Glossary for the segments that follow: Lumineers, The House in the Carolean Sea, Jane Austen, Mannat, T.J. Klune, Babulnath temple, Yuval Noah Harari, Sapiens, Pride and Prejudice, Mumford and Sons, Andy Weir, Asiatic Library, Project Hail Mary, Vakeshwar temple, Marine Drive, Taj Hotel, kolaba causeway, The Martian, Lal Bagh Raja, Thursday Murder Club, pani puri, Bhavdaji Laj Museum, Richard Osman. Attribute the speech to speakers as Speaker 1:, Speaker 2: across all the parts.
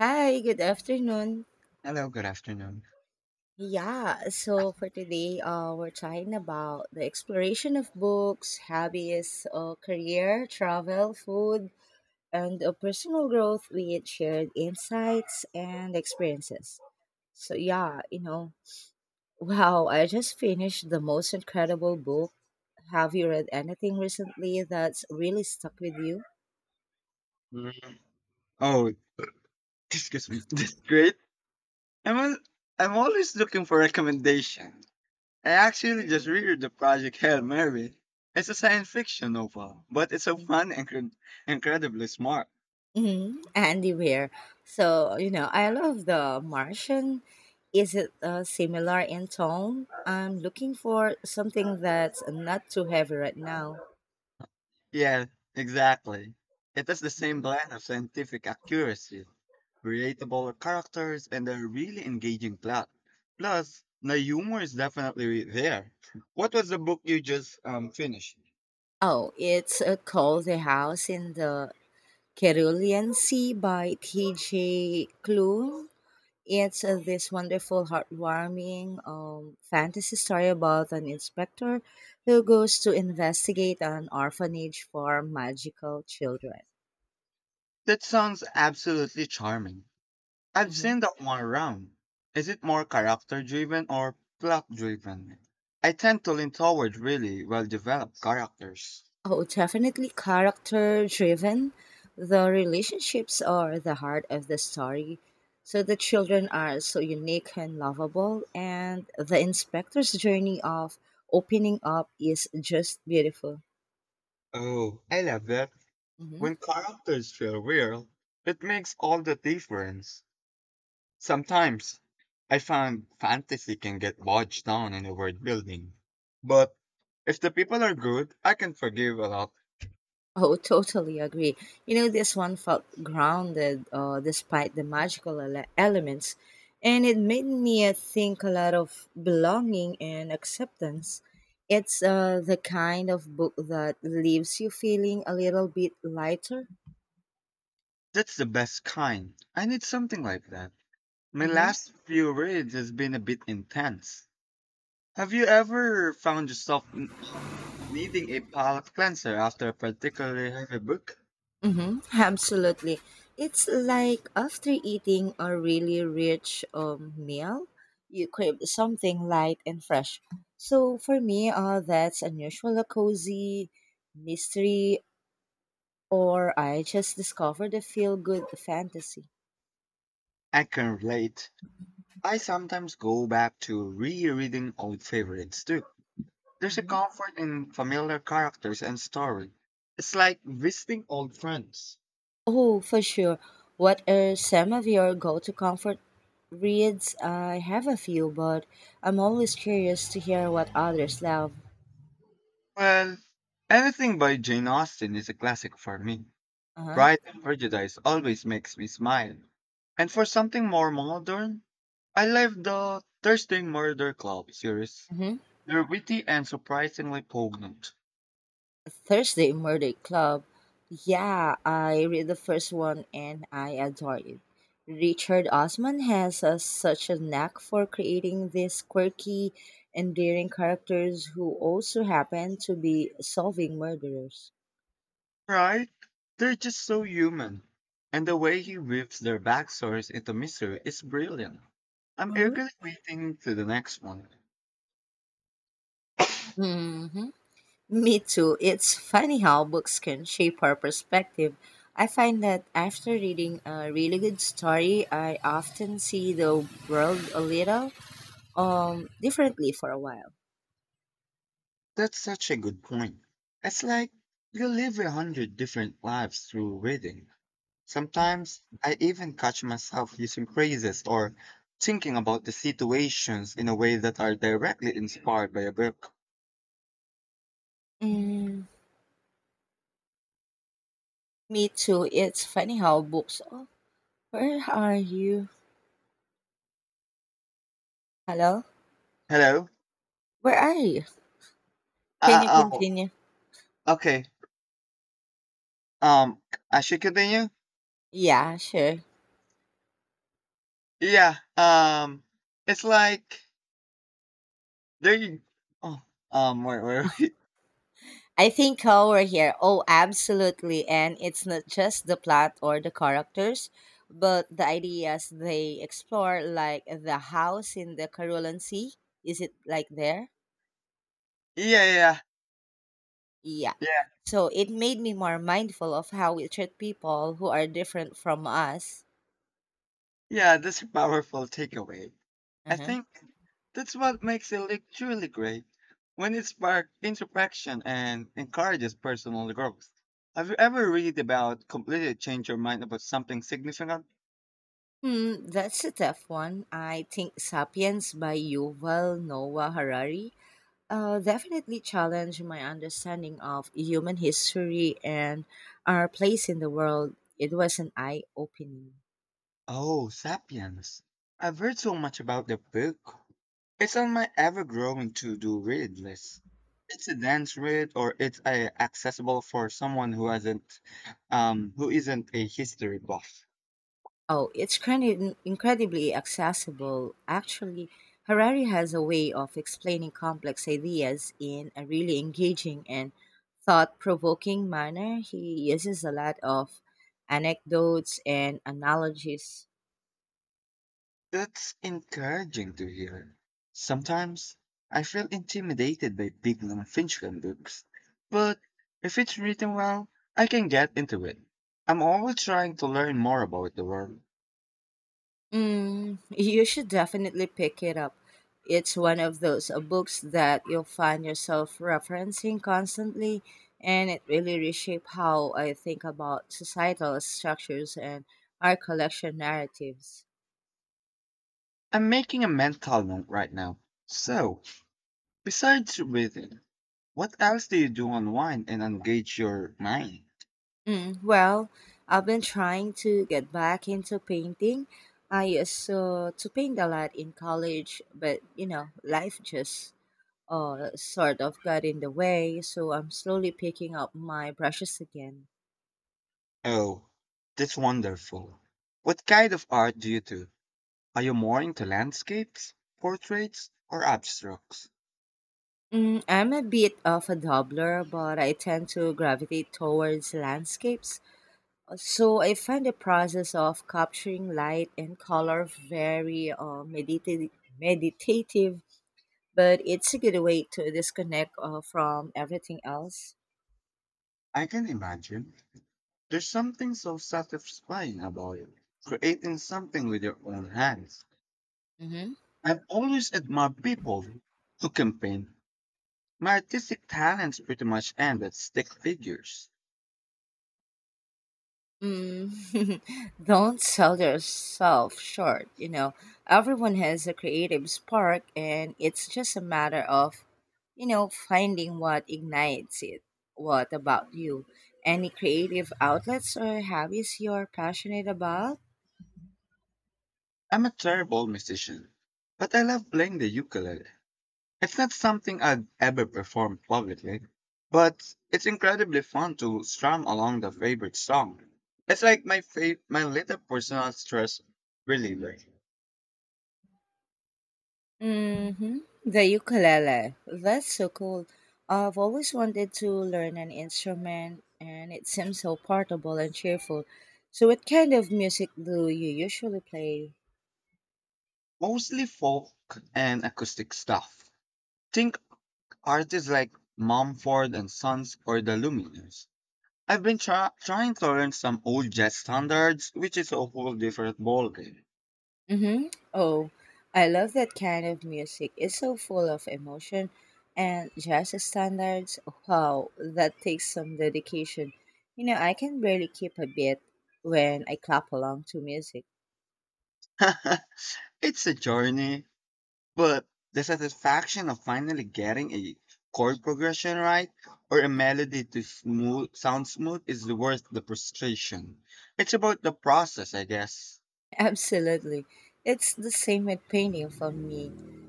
Speaker 1: Hi, good afternoon.
Speaker 2: Hello, good afternoon.
Speaker 1: Yeah, so for today, we're talking about the exploration of books, hobbies, career, travel, food, and personal growth with shared insights and experiences. So, yeah, you know, wow, I just finished the most incredible book. Have you read anything recently that's really stuck with you?
Speaker 2: Mm. Oh, excuse me. This is great. I'm al- I'm always looking for recommendations. I actually just read the Project Hail Mary. It's a science fiction novel, but it's so fun and incredibly smart.
Speaker 1: Hmm. Andy Weir. So, you know, I love The Martian. Is it similar in tone? I'm looking for something that's not too heavy right now.
Speaker 2: Yeah, exactly. It has the same
Speaker 1: Hmm.
Speaker 2: blend of scientific accuracy, relatable characters, and a really engaging plot. Plus, the humor is definitely there. What was the book you just finished?
Speaker 1: Oh, it's called The House in the Carolean Sea by T.J. Klune. It's this wonderful, heartwarming fantasy story about an inspector who goes to investigate an orphanage for magical children.
Speaker 2: That sounds absolutely charming. I've seen that one around. Is it more character driven or plot driven? I tend to lean toward really well developed characters.
Speaker 1: Oh, definitely character driven. The relationships are the heart of the story. So the children are so unique and lovable, and the inspector's journey of opening up is just beautiful.
Speaker 2: Oh, I love that.
Speaker 1: Mhm.
Speaker 2: When characters feel real, it makes all the difference. Sometimes I find fantasy can get bogged down in the world building, but if the people are good, I can forgive a lot.
Speaker 1: Oh, totally agree. You know, this one felt grounded despite the magical elements, and it made me think a lot of belonging and acceptance. It's the kind of book that leaves you feeling a little bit lighter.
Speaker 2: That's the best kind. I need something like that. My
Speaker 1: Mm-hmm.
Speaker 2: last few reads has been a bit intense. Have you ever found yourself needing a palate cleanser after a particularly heavy book?
Speaker 1: Mm-hmm, absolutely. It's like after eating a really rich meal, you crave something light and fresh. So for me, that's unusual, a cozy mystery, or I just discovered a feel good fantasy.
Speaker 2: I can relate. I sometimes go back to rereading old favorites too. There's a
Speaker 1: Hmm.
Speaker 2: comfort in familiar characters and story. It's like visiting old friends.
Speaker 1: Oh, for sure. What are some of your go to comfort reads? I have a few, but I'm always curious to hear what others love.
Speaker 2: Well, anything by Jane Austen is a classic for me.
Speaker 1: Uh
Speaker 2: Pride and Prejudice always makes me smile. And for something more modern, I love the Thursday Murder Club series.
Speaker 1: huh.
Speaker 2: They're witty and surprisingly poignant.
Speaker 1: Thursday Murder Club. Yeah, I read the first one and I adore it. Richard Osman has a, such a knack for creating these quirky, endearing characters who also happen to be solving murderers.
Speaker 2: Right? They're just so human. And the way he weaves their backstories into mystery is brilliant. I'm
Speaker 1: Hmm.
Speaker 2: eagerly waiting to the next one.
Speaker 1: Hmm. Me too. It's funny how books can shape our perspective. I find that after reading a really good story, I often see the world a little differently for a while.
Speaker 2: That's such a good point. It's like you live a hundred different lives through reading. Sometimes I even catch myself using phrases or thinking about the situations in a way that are directly inspired by a book.
Speaker 1: Mm, me too. It's funny how books. Oh, where are you? Hello?
Speaker 2: Hello?
Speaker 1: Where are you? Can you
Speaker 2: Oh,
Speaker 1: continue?
Speaker 2: okay. Um, I should continue?
Speaker 1: Yeah, sure.
Speaker 2: Yeah, it's like there you. Oh, wait, wait, wait.
Speaker 1: I think how we're here. Oh, absolutely. And it's not just the plot or the characters, but the ideas they explore, like the house in the Carolan Sea. Is it like there?
Speaker 2: Yeah, yeah,
Speaker 1: Yeah.
Speaker 2: yeah,
Speaker 1: So it made me more mindful of how we treat people who are different from us.
Speaker 2: yeah. That's a powerful takeaway. I
Speaker 1: Uh-huh.
Speaker 2: think that's what makes a league truly great when it sparks interaction and encourages personal growth. Have you ever read about completely change your mind about something significant?
Speaker 1: Hmm, that's a tough one. I think *Sapiens* by Yuval Noah Harari definitely challenged my understanding of human history and our place in the world. It was an eye-opening.
Speaker 2: Oh, Sapiens. I've heard so much about the book. It's on my ever-growing to-do read list. It's a dense read, or it's accessible for someone who hasn't, who isn't a history buff.
Speaker 1: Oh, it's incredibly accessible. Actually, Harari has a way of explaining complex ideas in a really engaging and thought-provoking manner. He uses a lot of anecdotes and analogies.
Speaker 2: That's encouraging to hear. Sometimes I feel intimidated by big non-fiction books, but if it's written well, I can get into it. I'm always trying to learn more about the world.
Speaker 1: Mm, you should definitely pick it up. It's one of those books that you'll find yourself referencing constantly, and it really reshaped how I think about societal structures and our collection narratives.
Speaker 2: I'm making a mental note right now. So, besides reading, what else do you do unwind and engage your mind?
Speaker 1: Mm, well, I've been trying to get back into painting. I used to paint a lot in college, but you know, life just sort of got in the way, so I'm slowly picking up my brushes again.
Speaker 2: Oh, that's wonderful. What kind of art do you do? Are you more into landscapes, portraits, or abstracts?
Speaker 1: Mm, I'm a bit of a dabbler, but I tend to gravitate towards landscapes. So I find the process of capturing light and color very meditative, but it's a good way to disconnect from everything else.
Speaker 2: I can imagine. There's something so satisfying about it, creating something with your own hands. I've always admired people who can paint. My artistic talents pretty much end at stick figures.
Speaker 1: Mm, don't sell yourself short. You know, everyone has a creative spark, and it's just a matter of, you know, finding what ignites it. What about you? Any creative outlets or hobbies you're passionate about?
Speaker 2: I'm a terrible musician, but I love playing the ukulele. It's not something I'd ever perform publicly, but it's incredibly fun to strum along the favorite song. It's like my little personal stress reliever.
Speaker 1: Mm-hmm. The ukulele. That's so cool. I've always wanted to learn an instrument, and it seems so portable and cheerful. So, what kind of music do you usually play?
Speaker 2: Mostly folk and acoustic stuff. Think artists like Mumford and Sons or the Lumineers. I've been trying to learn some old jazz standards, which is a whole different ballgame.
Speaker 1: Mm-hmm. Oh, I love that kind of music. It's so full of emotion and jazz standards. Wow, that takes some dedication. You know, I can barely keep a beat when I clap along to music.
Speaker 2: It's a journey, but the satisfaction of finally getting a chord progression right or a melody to smooth sound smooth is worth the frustration. It's about the process, I guess.
Speaker 1: Absolutely. It's the same with painting for me.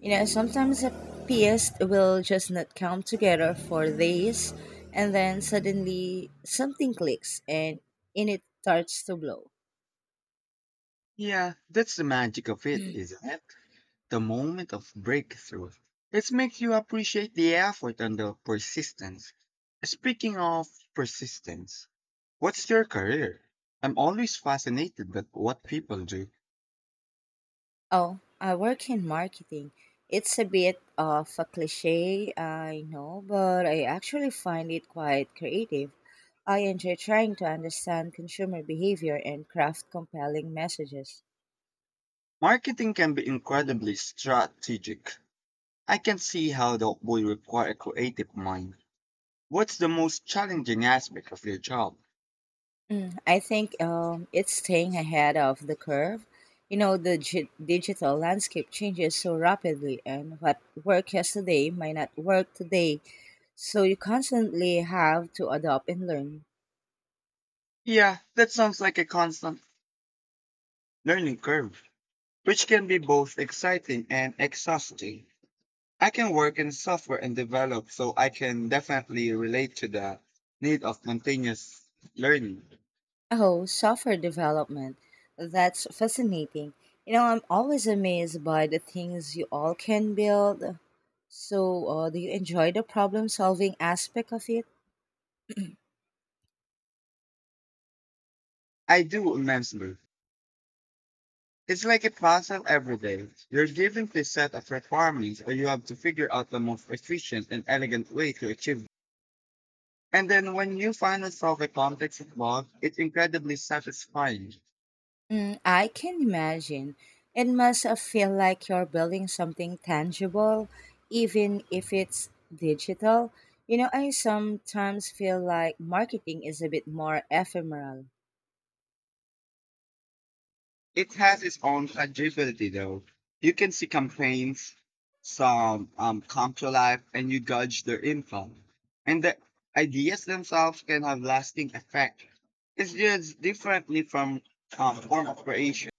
Speaker 1: You know, sometimes a piece will just not come together for days, and then suddenly something clicks and in it starts to blow.
Speaker 2: Yeah, that's the magic of it, isn't it? The moment of breakthrough. It makes you appreciate the effort and the persistence. Speaking of persistence, what's your career? I'm always fascinated by what people do.
Speaker 1: Oh, I work in marketing. It's a bit of a cliche, I know, but I actually find it quite creative. I enjoy trying to understand consumer behavior and craft compelling messages.
Speaker 2: Marketing can be incredibly strategic. I can see how that would require a creative mind. What's the most challenging aspect of your job?
Speaker 1: Mm, I think it's staying ahead of the curve. You know, the digital landscape changes so rapidly, and what worked yesterday might not work today. So you constantly have to adapt and learn.
Speaker 2: Yeah, that sounds like a constant learning curve, which can be both exciting and exhausting. I can work in software and develop, so I can definitely relate to the need of continuous learning.
Speaker 1: Oh, software development. That's fascinating. You know, I'm always amazed by the things you all can build. So, do you enjoy the problem solving aspect of it?
Speaker 2: I do immensely. It's like a puzzle every day. You're given a set of requirements, and you have to figure out the most efficient and elegant way to achieve. And then when you finally solve a complex enigma, it's incredibly satisfying.
Speaker 1: Mm, I can imagine. It must feel like you're building something tangible, even if it's digital. You know, I sometimes feel like marketing is a bit more ephemeral.
Speaker 2: It has its own tangibility though. You can see campaigns, some come to life, and you gauge their impact. And the ideas themselves can have lasting effect. It's just differently from form of creation.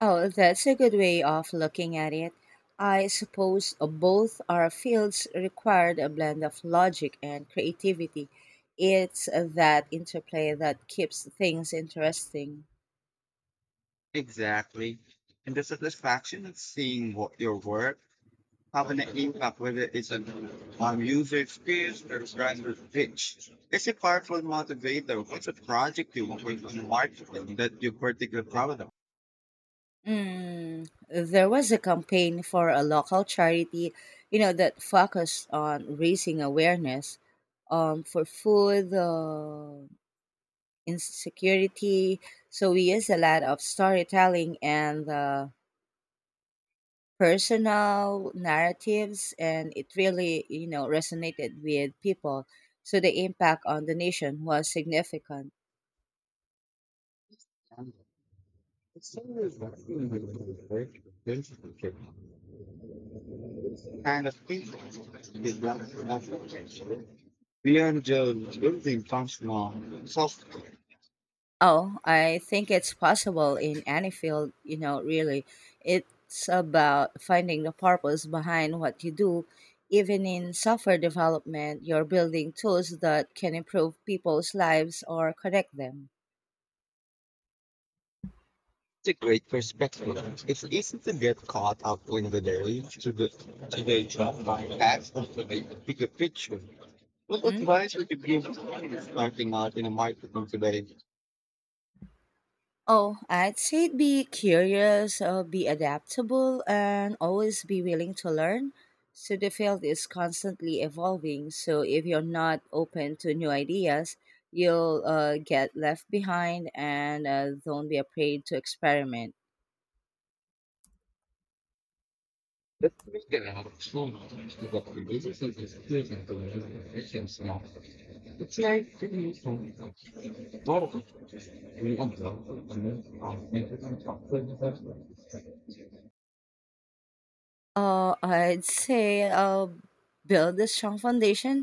Speaker 1: Oh, that's a good way of looking at it. I suppose both our fields required a blend of logic and creativity. It's that interplay that keeps things interesting.
Speaker 2: Exactly. And the satisfaction of seeing what your work have an impact, whether it's an user experience or brand pitch. It's a powerful motivator. What's a project you work on marketing that you particularly proud of?
Speaker 1: Mm, there was a campaign for a local charity, you know, that focused on raising awareness for food insecurity. So we use a lot of storytelling and personal narratives, and it really, you know, resonated with people, so the impact on the nation was significant.
Speaker 2: Kind of people is that beyond just building functional software.
Speaker 1: Oh, I think it's possible in any field, you know, really. It's about finding the purpose behind what you do. Even in software development, you're building tools that can improve people's lives or connect them.
Speaker 2: It's a great perspective. It's easy to get caught up in the daily to the job as of the bigger picture. What
Speaker 1: Hmm?
Speaker 2: advice would you give to someone starting out in a marketing today?
Speaker 1: Oh, I'd say be curious, be adaptable, and always be willing to learn. So the field is constantly evolving. So if you're not open to new ideas, you'll get left behind, and don't be afraid to experiment.
Speaker 2: Let's make it out of to what the businesses is doing and to the efficiency now. It's like really. Well, to help them, and we want to.
Speaker 1: I'd say build a strong foundation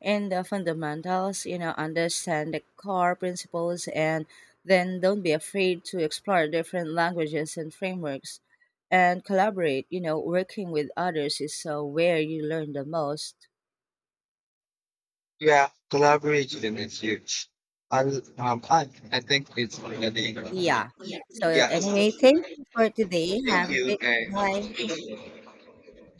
Speaker 1: in the fundamentals, you know, understand the core principles, and then don't be afraid to explore different languages and frameworks and collaborate. You know, working with others is where you learn the most.
Speaker 2: Yeah, collaboration is huge. I think it's already.
Speaker 1: Yeah. So,
Speaker 2: Yeah,
Speaker 1: anyway,
Speaker 2: thank
Speaker 1: thank you for today. Have a
Speaker 2: you
Speaker 1: great day.
Speaker 2: and
Speaker 1: Bye.